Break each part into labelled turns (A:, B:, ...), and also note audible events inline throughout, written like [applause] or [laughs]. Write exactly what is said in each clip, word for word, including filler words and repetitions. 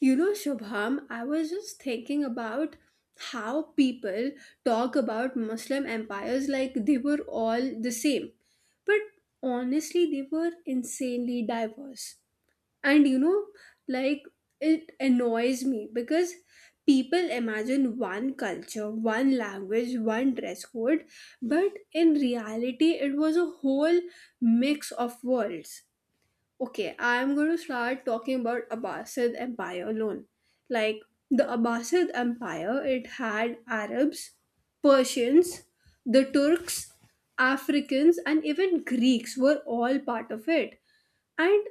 A: You know, Shubham, I was just thinking about how people talk about Muslim empires like they were all the same. But honestly, they were insanely diverse. And you know, like it annoys me because people imagine one culture, one language, one dress code, but in reality, it was a whole mix of worlds. Okay, I'm going to start talking about Abbasid Empire alone. Like the Abbasid Empire, it had Arabs, Persians, the Turks, Africans, and even Greeks were all part of it. And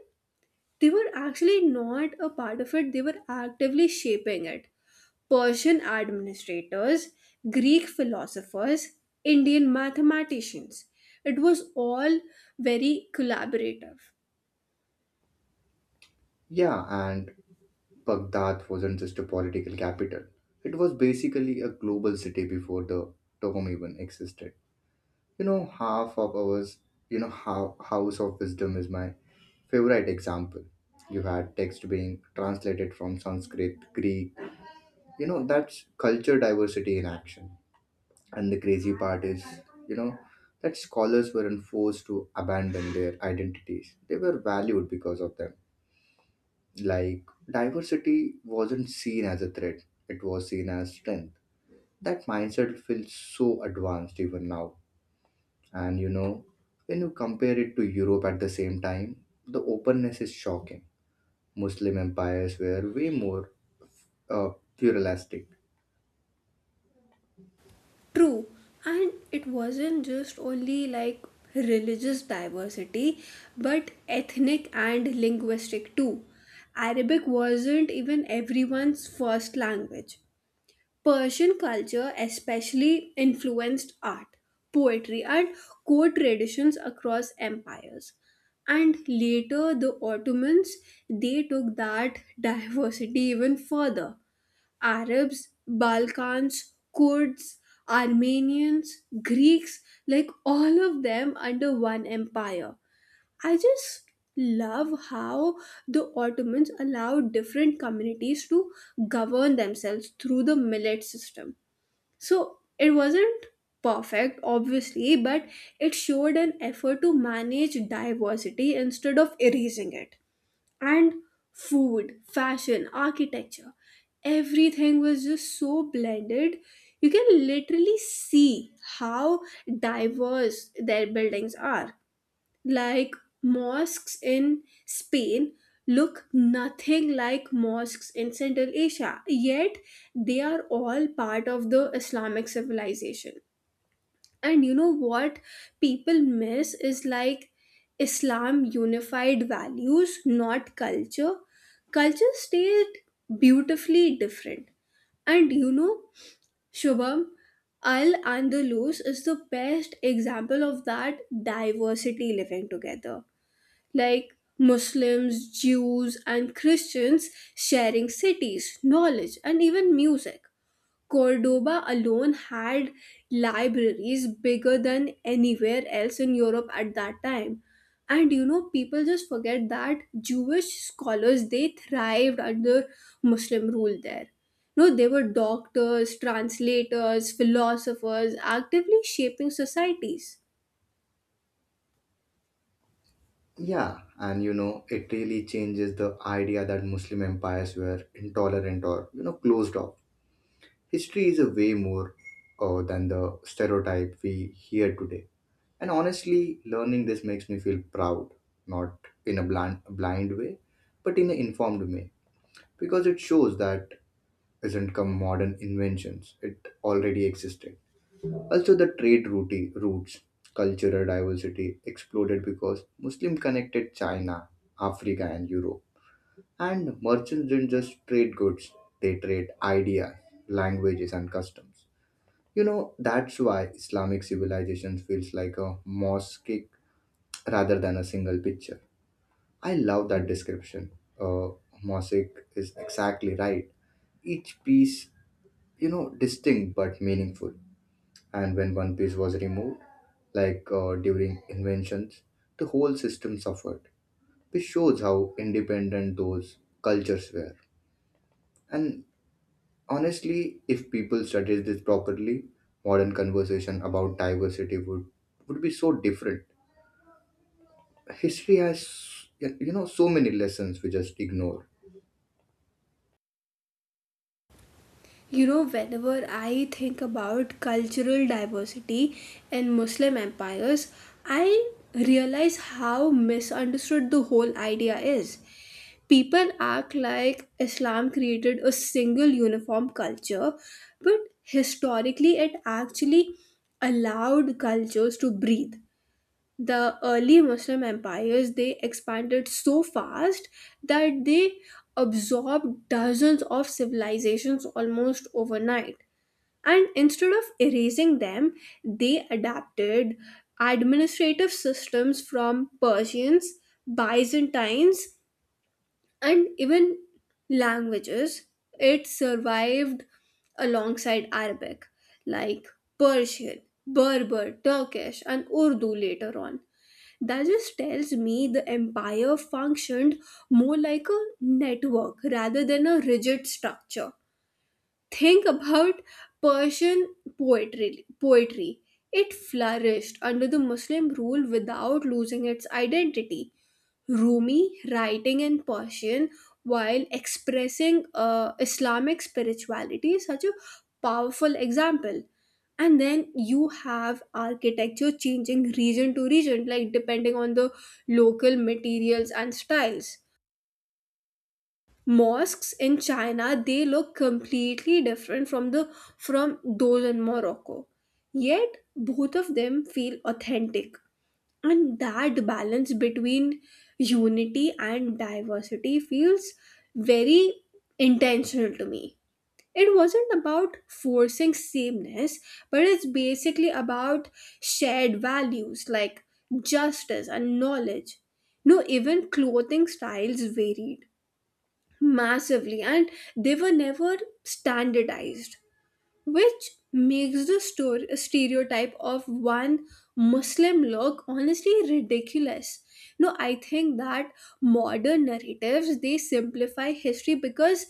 A: they were actually not a part of it, they were actively shaping it. Persian administrators, Greek philosophers, Indian mathematicians. It was all very collaborative.
B: Yeah, and Baghdad wasn't just a political capital. It was basically a global city before the term even existed. You know, half of ours, you know, how House of Wisdom is my favorite example. You had text being translated from Sanskrit, Greek. You know, that's culture diversity in action. And the crazy part is, you know, that scholars weren't forced to abandon their identities. They were valued because of them. Like, diversity wasn't seen as a threat, it was seen as strength. That mindset feels so advanced even now. And you know, when you compare it to Europe at the same time, the openness is shocking. Muslim empires were way more uh, pluralistic.
A: True, and it wasn't just only like religious diversity, but ethnic and linguistic too. Arabic wasn't even everyone's first language. Persian culture especially influenced art, poetry, and court traditions across empires. And later, the Ottomans they took that [laughs] diversity even further: Arabs, Balkans, Kurds, Armenians, Greeks, like all of them under one empire. I just love how the Ottomans allowed different communities to govern themselves through the millet system. So it wasn't perfect, obviously, but it showed an effort to manage diversity instead of erasing it. And food, fashion, architecture, everything was just so blended. You can literally see how diverse their buildings are. Like mosques in Spain look nothing like mosques in Central Asia, yet they are all part of the Islamic civilization. And you know what people miss is, like, Islam unified values, not culture. Culture stayed beautifully different. And you know, Shubham, Al Andalus is the best example of that diversity living together. Like Muslims, Jews, and Christians sharing cities, knowledge, and even music. Cordoba alone had libraries bigger than anywhere else in Europe at that time. And you know, people just forget that Jewish scholars they thrived under Muslim rule there. No, they were doctors, translators, philosophers, actively shaping societies.
B: Yeah, and you know, it really changes the idea that Muslim empires were intolerant or, you know, closed off. History is a way more uh, than the stereotype we hear today. And honestly, learning this makes me feel proud, not in a blind, blind way, but in an informed way, because it shows that isn't come modern inventions, it already existed. Also, the trade route, routes, cultural diversity exploded because Muslim connected China, Africa, and Europe. And merchants didn't just trade goods, they trade ideas, languages, and customs. You know, that's why Islamic civilization feels like a mosaic rather than a single picture. I love that description. Uh, Mosaic is exactly right. Each piece, you know, distinct but meaningful. And when one piece was removed, like uh, during inventions, the whole system suffered, which shows how independent those cultures were. And honestly, if people studied this properly, modern conversation about diversity would, would be so different. History has, you know, so many lessons we just ignore.
A: You know, whenever I think about cultural diversity in Muslim empires, I realize how misunderstood the whole idea is. People act like Islam created a single uniform culture, but historically it actually allowed cultures to breathe. The early Muslim empires they expanded so fast that they absorbed dozens of civilizations almost overnight. And instead of erasing them, they adapted administrative systems from Persians, Byzantines, and even languages it survived alongside Arabic, like Persian, Berber, Turkish, and Urdu later on. That just tells me the empire functioned more like a network rather than a rigid structure. Think about Persian poetry poetry. It flourished under the Muslim rule without losing its identity. Rumi writing in Persian while expressing uh, Islamic spirituality is such a powerful example. And then you have architecture changing region to region, like depending on the local materials and styles. Mosques in China they look completely different from the from those in Morocco. Yet both of them feel authentic, and that balance between unity and diversity feels very intentional to me. It wasn't about forcing sameness, but it's basically about shared values like justice and knowledge. No, even clothing styles varied massively, and they were never standardized, which makes the store stereotype of one Muslim look honestly ridiculous. No, I think that modern narratives they simplify history because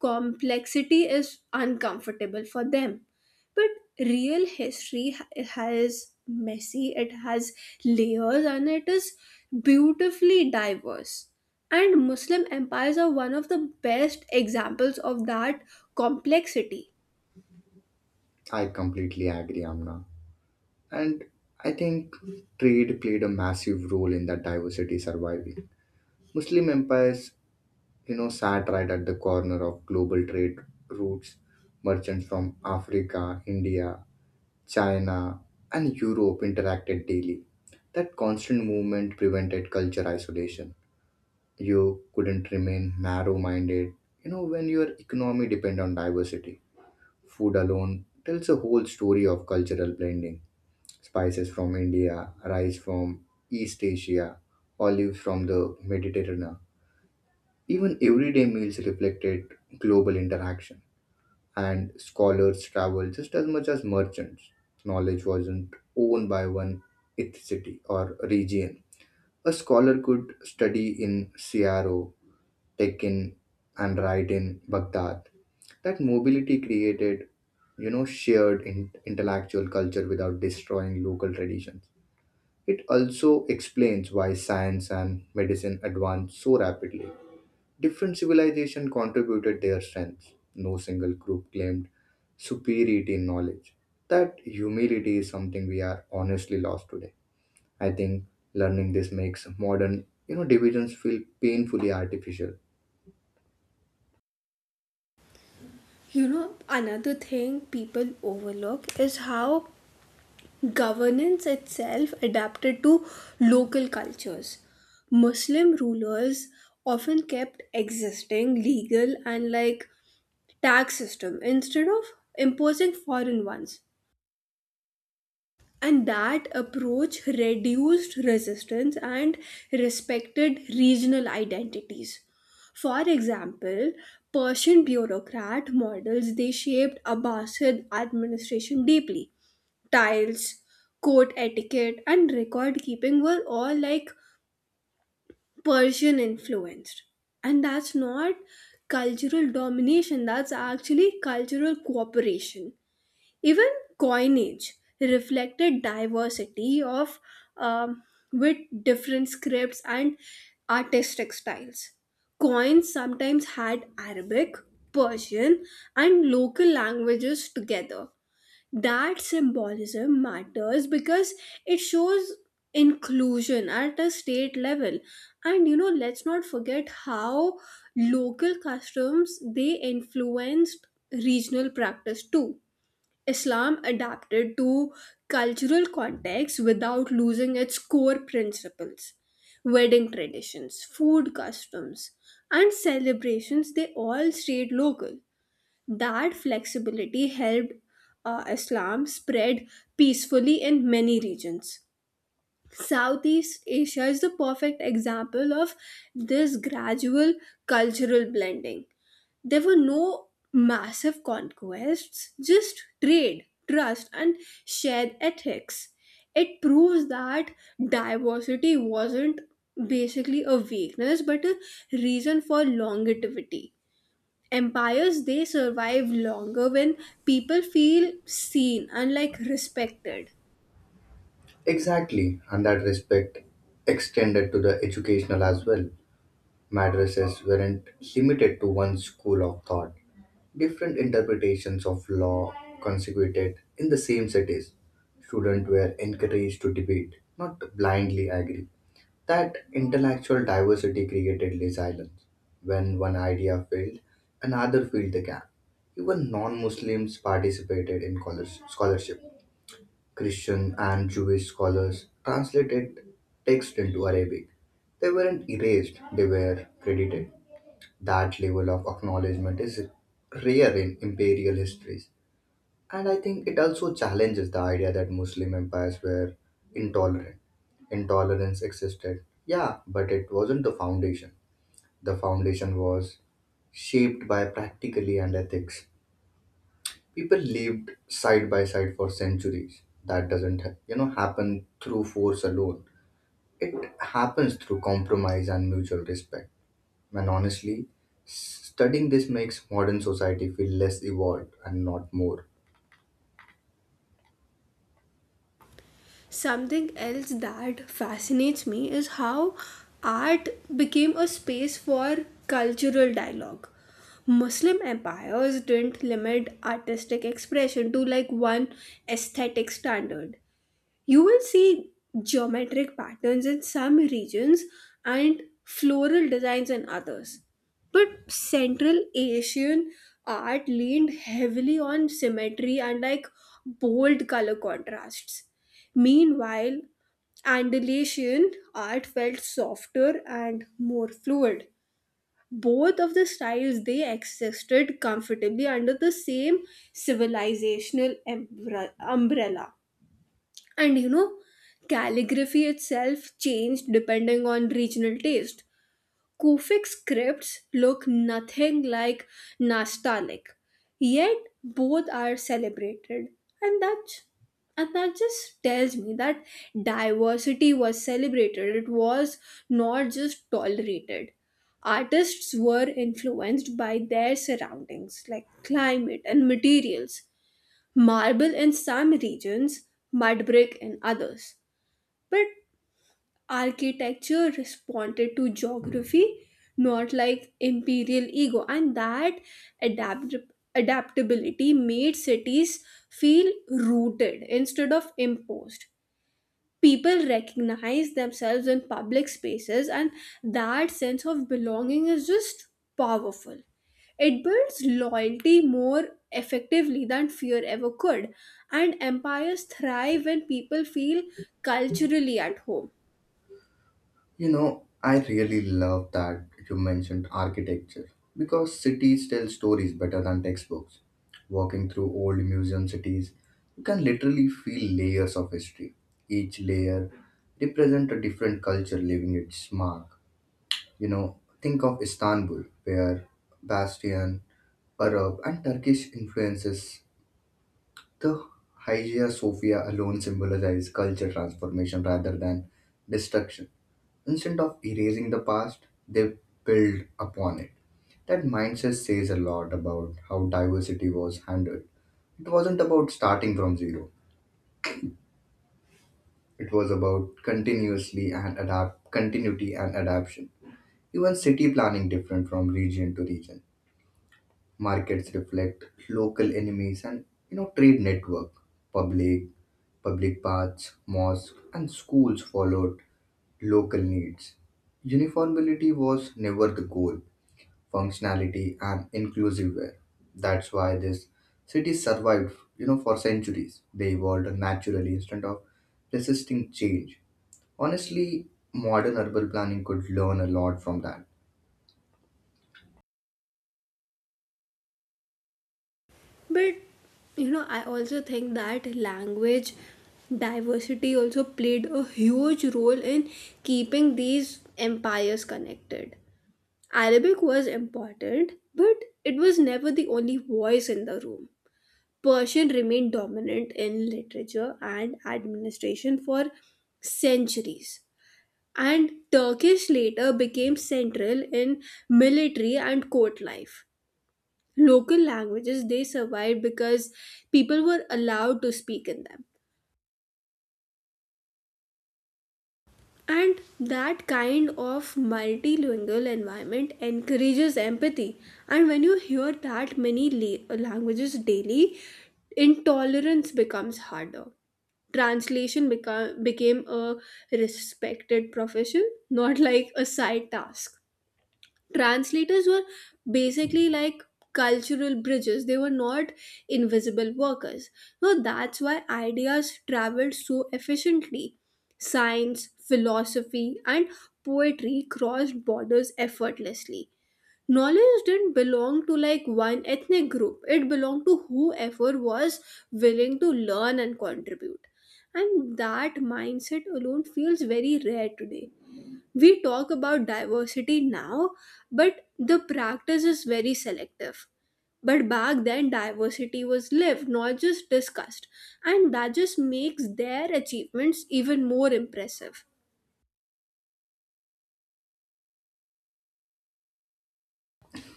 A: complexity is uncomfortable for them. But real history ha- has messy, it has layers, and it is beautifully diverse. And Muslim empires are one of the best examples of that complexity.
B: I completely agree, Amna. And I think trade played a massive role in that diversity surviving. Muslim empires, you know, sat right at the corner of global trade routes. Merchants from Africa, India, China, and Europe interacted daily. That constant movement prevented culture isolation. You couldn't remain narrow minded, you know, when your economy depends on diversity. Food alone tells a whole story of cultural blending. Spices from India, rice from East Asia, olives from the Mediterranean. Even everyday meals reflected global interaction, and scholars traveled just as much as merchants. Knowledge wasn't owned by one ethnicity or region. A scholar could study in Siaro, Tekin, and write in Baghdad. That mobility created, you know, shared in- intellectual culture without destroying local traditions. It also explains why science and medicine advanced so rapidly. Different civilizations contributed their strengths. No single group claimed superiority in knowledge. That humility is something we are honestly lost today. I think learning this makes modern, you know, divisions feel painfully artificial.
A: You know, another thing people overlook is how governance itself adapted to local cultures. Muslim rulers often kept existing legal and, like, tax system instead of imposing foreign ones, and that approach reduced resistance and respected regional identities. For example, Persian bureaucrat models they shaped Abbasid administration deeply. Tiles, court etiquette, and record keeping were all, like, Persian influenced, and that's not cultural domination, that's actually cultural cooperation. Even coinage reflected diversity of, um, with different scripts and artistic styles. Coins sometimes had Arabic, Persian, and local languages together. That symbolism matters because it shows inclusion at a state level. And you know, let's not forget how local customs they influenced regional practice too. Islam adapted to cultural contexts without losing its core principles. Wedding traditions, food customs, and celebrations, they all stayed local. That flexibility helped uh, Islam spread peacefully in many regions. Southeast Asia is the perfect example of this gradual cultural blending. There were no massive conquests, just trade, trust, and shared ethics. It proves that diversity wasn't basically a weakness, but a reason for longevity. Empires they survive longer when people feel seen and, like, respected.
B: Exactly, and that respect extended to the educational as well. Madrasas weren't limited to one school of thought. Different interpretations of law consequted in the same cities. Students were encouraged to debate, not blindly agree. That intellectual diversity created resilience. When one idea failed, another filled the gap. Even non Muslims participated in college- scholarship. Christian and Jewish scholars translated text into Arabic. They weren't erased, they were credited. That level of acknowledgement is rare in imperial histories, and I think it also challenges the idea that Muslim empires were intolerant. Intolerance existed, yeah, but it wasn't the foundation. The foundation was shaped by practically and ethics. People lived side by side for centuries. That doesn't, you know, happen through force alone. It happens through compromise and mutual respect and honestly, studying this makes modern society feel less evolved and not more.
A: Something else that fascinates me is how art became a space for cultural dialogue. Muslim empires didn't limit artistic expression to, like, one aesthetic standard. You will see geometric patterns in some regions and floral designs in others. But Central Asian art leaned heavily on symmetry and, like, bold color contrasts. Meanwhile, Andalusian art felt softer and more fluid. Both of the styles they existed comfortably under the same civilizational embra- umbrella. And you know, calligraphy itself changed depending on regional taste. Kufic scripts look nothing like Nastaliq, yet both are celebrated. And that, and that just tells me that diversity was celebrated, it was not just tolerated. Artists were influenced by their surroundings, like climate and materials: marble in some regions, mud brick in others. But architecture responded to geography, not, like, imperial ego, and that adapt- adaptability made cities feel rooted instead of imposed. People recognize themselves in public spaces, and that sense of belonging is just powerful. It builds loyalty more effectively than fear ever could, and empires thrive when people feel culturally at home.
B: You know, I really love that you mentioned architecture because cities tell stories better than textbooks. Walking through old museum cities, you can literally feel layers of history. Each layer represents a different culture leaving its mark. You know, think of Istanbul, where Bastion, Arab, and Turkish influences. The Hagia Sophia alone symbolizes culture transformation rather than destruction. Instead of erasing the past, they build upon it. That mindset says a lot about how diversity was handled. It wasn't about starting from zero. It was about continuously and adapt continuity and adaptation. Even city planning different from region to region. Markets reflect local enemies and you know trade network. Public Public paths, mosques, and schools followed local needs. Uniformity was never the goal, functionality and inclusive were. That's why this city survived, you know, for centuries. They evolved naturally instead of resisting change. Honestly, modern urban planning could learn a lot from that.
A: But you know, I also think that language diversity also played a huge role in keeping these empires connected. Arabic was important, but it was never the only voice in the room. Persian remained dominant in literature and administration for centuries, and Turkish later became central in military and court life. Local languages they survived because people were allowed to speak in them. And that kind of multilingual environment encourages empathy. And when you hear that many la- languages daily, intolerance becomes harder. Translation beca- became a respected profession, not, like, a side task. Translators were basically like cultural bridges, they were not invisible workers. So that's why ideas traveled so efficiently. Science, philosophy, and poetry crossed borders effortlessly. Knowledge didn't belong to, like, one ethnic group, it belonged to whoever was willing to learn and contribute. And that mindset alone feels very rare today. We talk about diversity now, but the practice is very selective. But back then, diversity was lived, not just discussed, and that just makes their achievements even more impressive.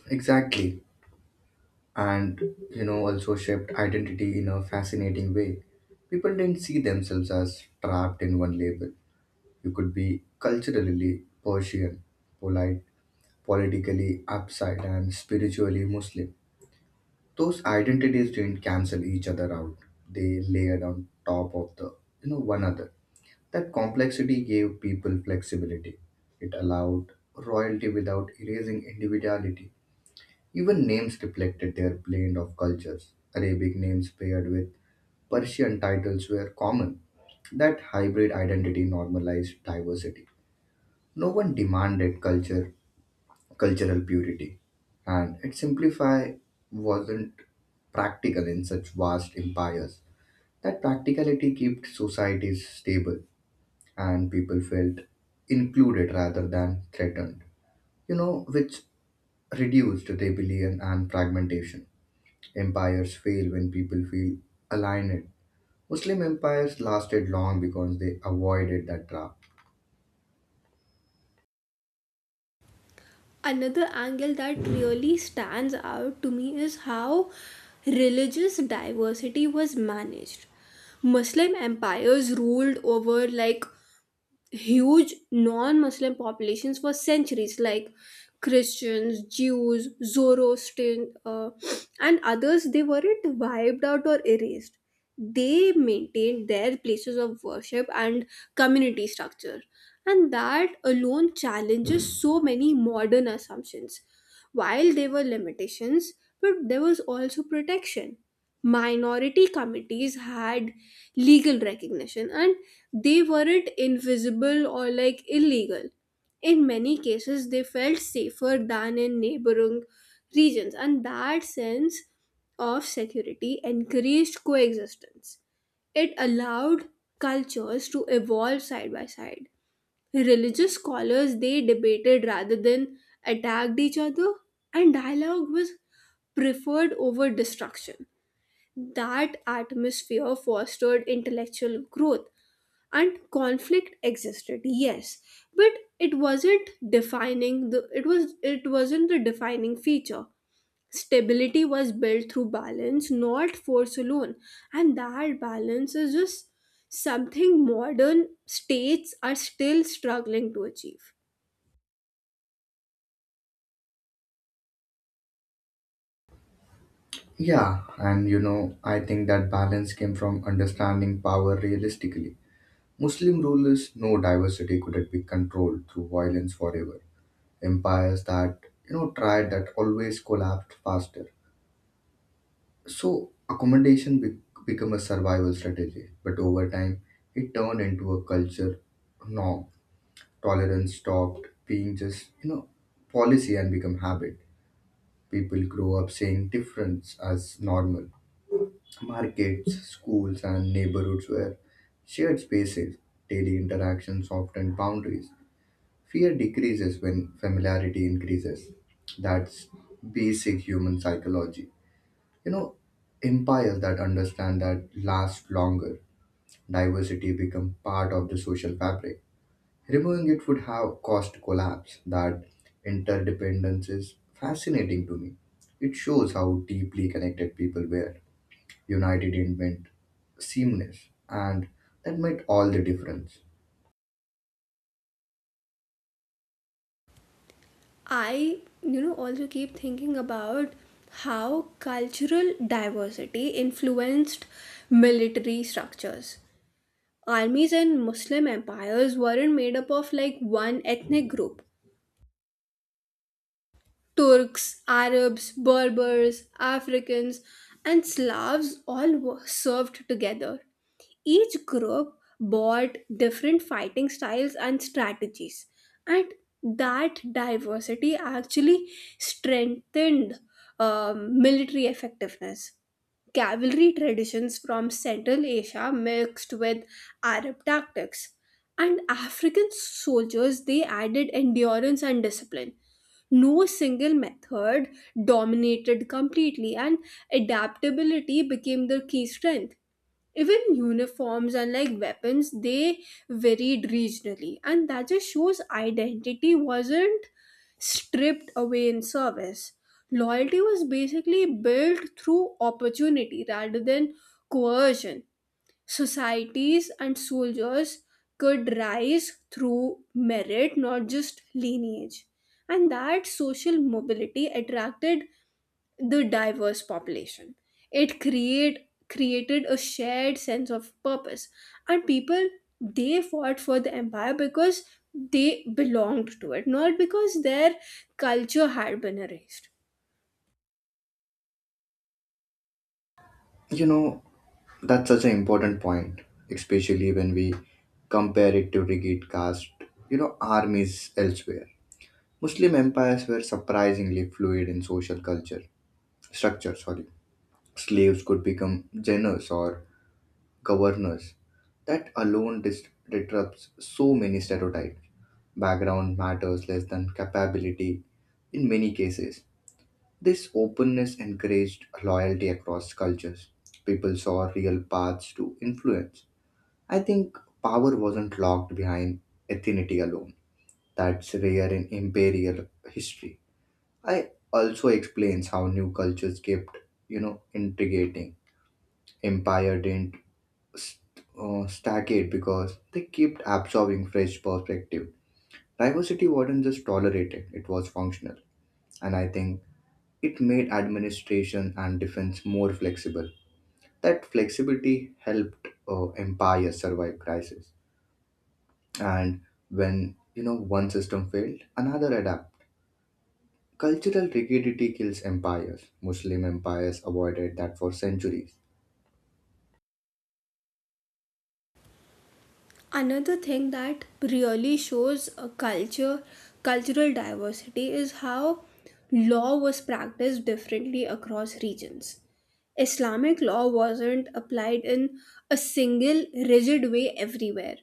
B: Exactly. And you know also shaped identity in a fascinating way. People didn't see themselves as trapped in one label. You could be culturally Persian, polite, politically upside, and spiritually Muslim. Those identities didn't cancel each other out. They layered on top of the you know one another. That complexity gave people flexibility. It allowed royalty without erasing individuality. Even names reflected their blend of cultures. Arabic names paired with Persian titles were common. That hybrid identity normalized diversity. No one demanded culture, cultural purity, and it simplify wasn't practical in such vast empires. That practicality kept societies stable, and people felt included rather than threatened. You know, which reduced rebellion and fragmentation. Empires fail when people feel aligned. Muslim empires lasted long because they avoided that trap.
A: Another angle that really stands out to me is how religious diversity was managed. Muslim empires ruled over, like, huge non-muslim populations for centuries. Like Christians, Jews, Zoroastrian, uh, and others, they weren't wiped out or erased. They maintained their places of worship and community structure, and that alone challenges so many modern assumptions. While there were limitations, but there was also protection. Minority committees had legal recognition, and they weren't invisible or, like, illegal. In many cases, they felt safer than in neighboring regions, and that sense of security encouraged coexistence. It allowed cultures to evolve side by side. Religious scholars they debated rather than attacked each other, and dialogue was preferred over destruction. That atmosphere fostered intellectual growth, and conflict existed, yes, but it wasn't defining the it was it wasn't the defining feature. Stability was built through balance, not force alone, and that balance is just something modern states are still struggling to achieve.
B: Yeah, and you know, I think that balance came from understanding power realistically. Muslim rulers know diversity couldn't be controlled through violence forever. Empires that, you know, tried that always collapsed faster. So, accommodation be- became a survival strategy, but over time, it turned into a culture norm. Tolerance stopped being just, you know, policy and become habit. People grow up seeing difference as normal. Markets, schools, and neighborhoods were shared spaces. Daily interactions often boundaries. Fear decreases when familiarity increases. That's basic human psychology, you know. Empires that understand that last longer. Diversity become part of the social fabric. Removing it would have caused collapse. That interdependence is fascinating to me. It shows how deeply connected people were. United in invent seamless, and that made all the difference.
A: I, you know, also keep thinking about how cultural diversity influenced military structures. Armies and Muslim empires weren't made up of, like, one ethnic group. Turks, Arabs, Berbers, Africans, and Slavs all wo- served together. Each group brought different fighting styles and strategies, and that diversity actually strengthened um, military effectiveness. Cavalry traditions from Central Asia mixed with Arab tactics, and African soldiers they added endurance and discipline. No single method dominated completely, and adaptability became their key strength. Even uniforms and, like, weapons, they varied regionally, and that just shows identity wasn't stripped away in service. Loyalty was basically built through opportunity rather than coercion. Societies and soldiers could rise through merit, not just lineage. And that social mobility attracted the diverse population. It create created a shared sense of purpose, and people they fought for the empire because they belonged to it, not because their culture had been erased.
B: You know, that's such an important point, especially when we compare it to rigid caste, you know, armies elsewhere. Muslim empires were surprisingly fluid in social culture structure, sorry. Slaves could become generals or governors. That alone dis- disrupts so many stereotypes. Background matters less than capability in many cases. This openness encouraged loyalty across cultures. People saw real paths to influence. I think power wasn't locked behind ethnicity alone. That's rare in imperial history. I also explains how new cultures kept, you know, integrating. Empire didn't st- uh, stagnate because they kept absorbing fresh perspective. Diversity wasn't just tolerated, it was functional. And I think it made administration and defense more flexible. That flexibility helped uh, empires survive crisis. And when you know one system failed, another adapted. Cultural rigidity kills empires. Muslim empires avoided that for centuries.
A: Another thing that really shows a culture cultural diversity is how law was practiced differently across regions. Islamic law wasn't applied in a single rigid way everywhere.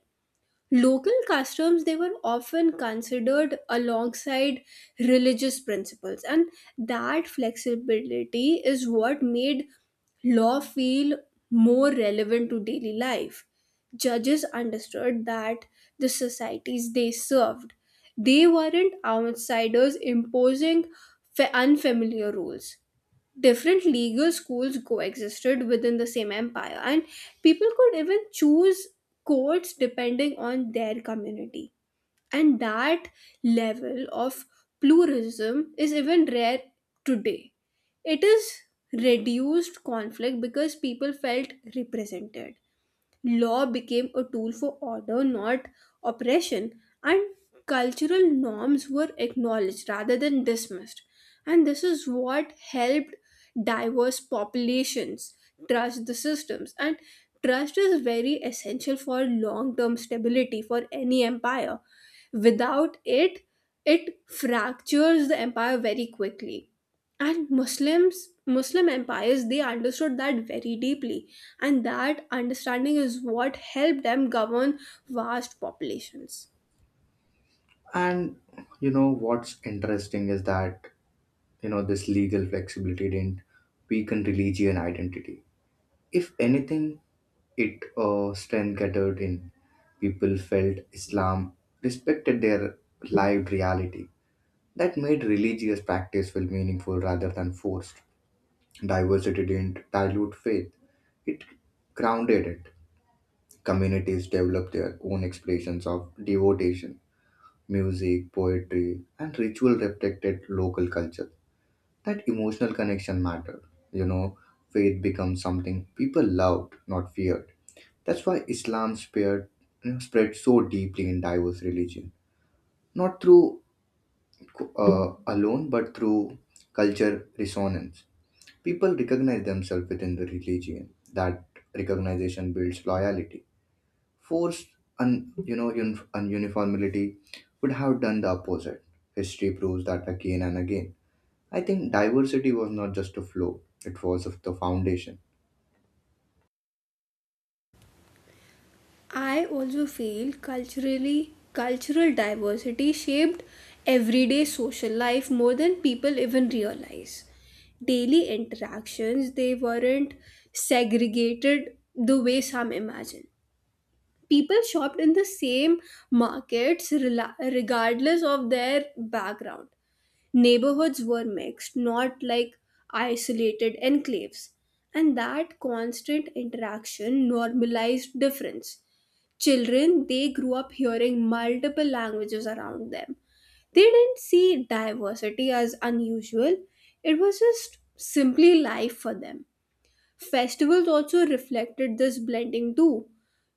A: Local customs they were often considered alongside religious principles, and that flexibility is what made law feel more relevant to daily life. Judges understood that the societies they served, they weren't outsiders imposing fa- unfamiliar rules. Different legal schools coexisted within the same empire, and people could even choose courts depending on their community. And that level of pluralism is even rare today. It is reduced conflict because people felt represented. Law became a tool for order, not oppression, and cultural norms were acknowledged rather than dismissed. And this is what helped diverse populations trust the systems. And trust is very essential for long term stability for any empire. Without it, it fractures the empire very quickly. And muslims muslim empires they understood that very deeply, and that understanding is what helped them govern vast populations.
B: And you know what's interesting is that you know this legal flexibility didn't weaken religion identity. If anything, it uh, strengthened in. People felt Islam respected their lived reality. That made religious practice feel meaningful rather than forced. Diversity didn't dilute faith, it grounded it. Communities developed their own expressions of devotion. Music, poetry, and ritual reflected local culture. That emotional connection mattered. You know, faith becomes something people loved, not feared. That's why Islam spared, you know, spread so deeply in diverse religion, not through uh, alone, but through culture resonance. People recognize themselves within the religion. That recognition builds loyalty. Forced, un, you know, un, Ununiformity would have done the opposite. History proves that again and again. I think diversity was not just a flow, it was of the foundation.
A: I also feel culturally cultural diversity shaped everyday social life more than people even realize. Daily interactions they weren't segregated the way some imagine. People shopped in the same markets rela- regardless of their background. Neighborhoods were mixed, not, like, isolated enclaves, and that constant interaction normalized difference. Children they grew up hearing multiple languages around them. They didn't see diversity as unusual, it was just simply life for them. Festivals also reflected this blending too.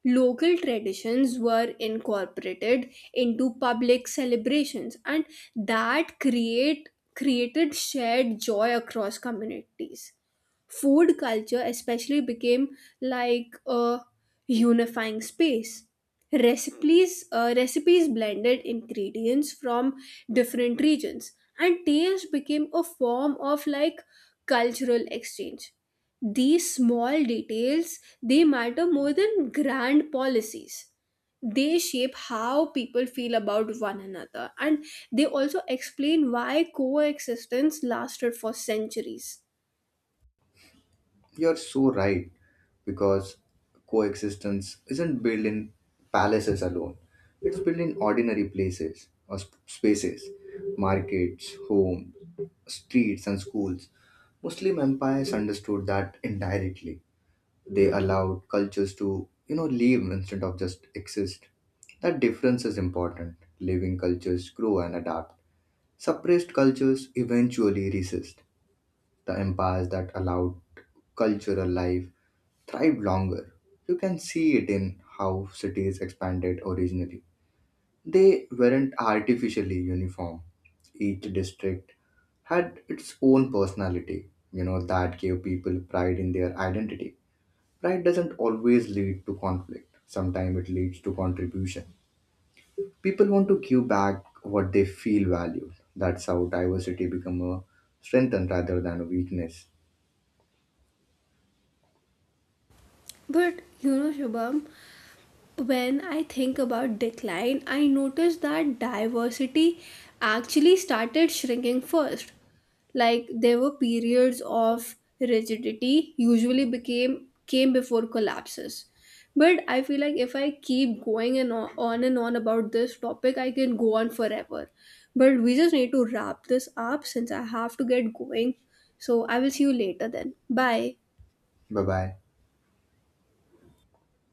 A: Local traditions were incorporated into public celebrations, and that create created shared joy across communities. Food culture especially became like a unifying space. Recipes uh, recipes blended ingredients from different regions, and taste became a form of, like, cultural exchange. These small details they matter more than grand policies. They shape how people feel about one another, and they also explain why coexistence lasted for centuries.
B: You're so right, because coexistence isn't built in palaces alone, it's built in ordinary places or sp- spaces, markets, homes, streets, and schools. Muslim empires understood that indirectly. They allowed cultures to, you know, live instead of just exist. That difference is important. Living cultures grow and adapt. Suppressed cultures eventually resist. The empires that allowed cultural life thrived longer. You can see it in how cities expanded originally. They weren't artificially uniform. Each district had its own personality, you know, that gave people pride in their identity. Pride doesn't always lead to conflict, sometimes it leads to contribution. People want to give back what they feel valued. That's how diversity become a strength and rather than a weakness.
A: But you know, Shubham, when I think about decline, I notice that diversity actually started shrinking first. Like there were periods of rigidity, usually became came before collapses. But I feel like if I keep going and on, on and on about this topic, I can go on forever. But we just need to wrap this up since I have to get going. So I will see you later then. Bye.
B: Bye bye.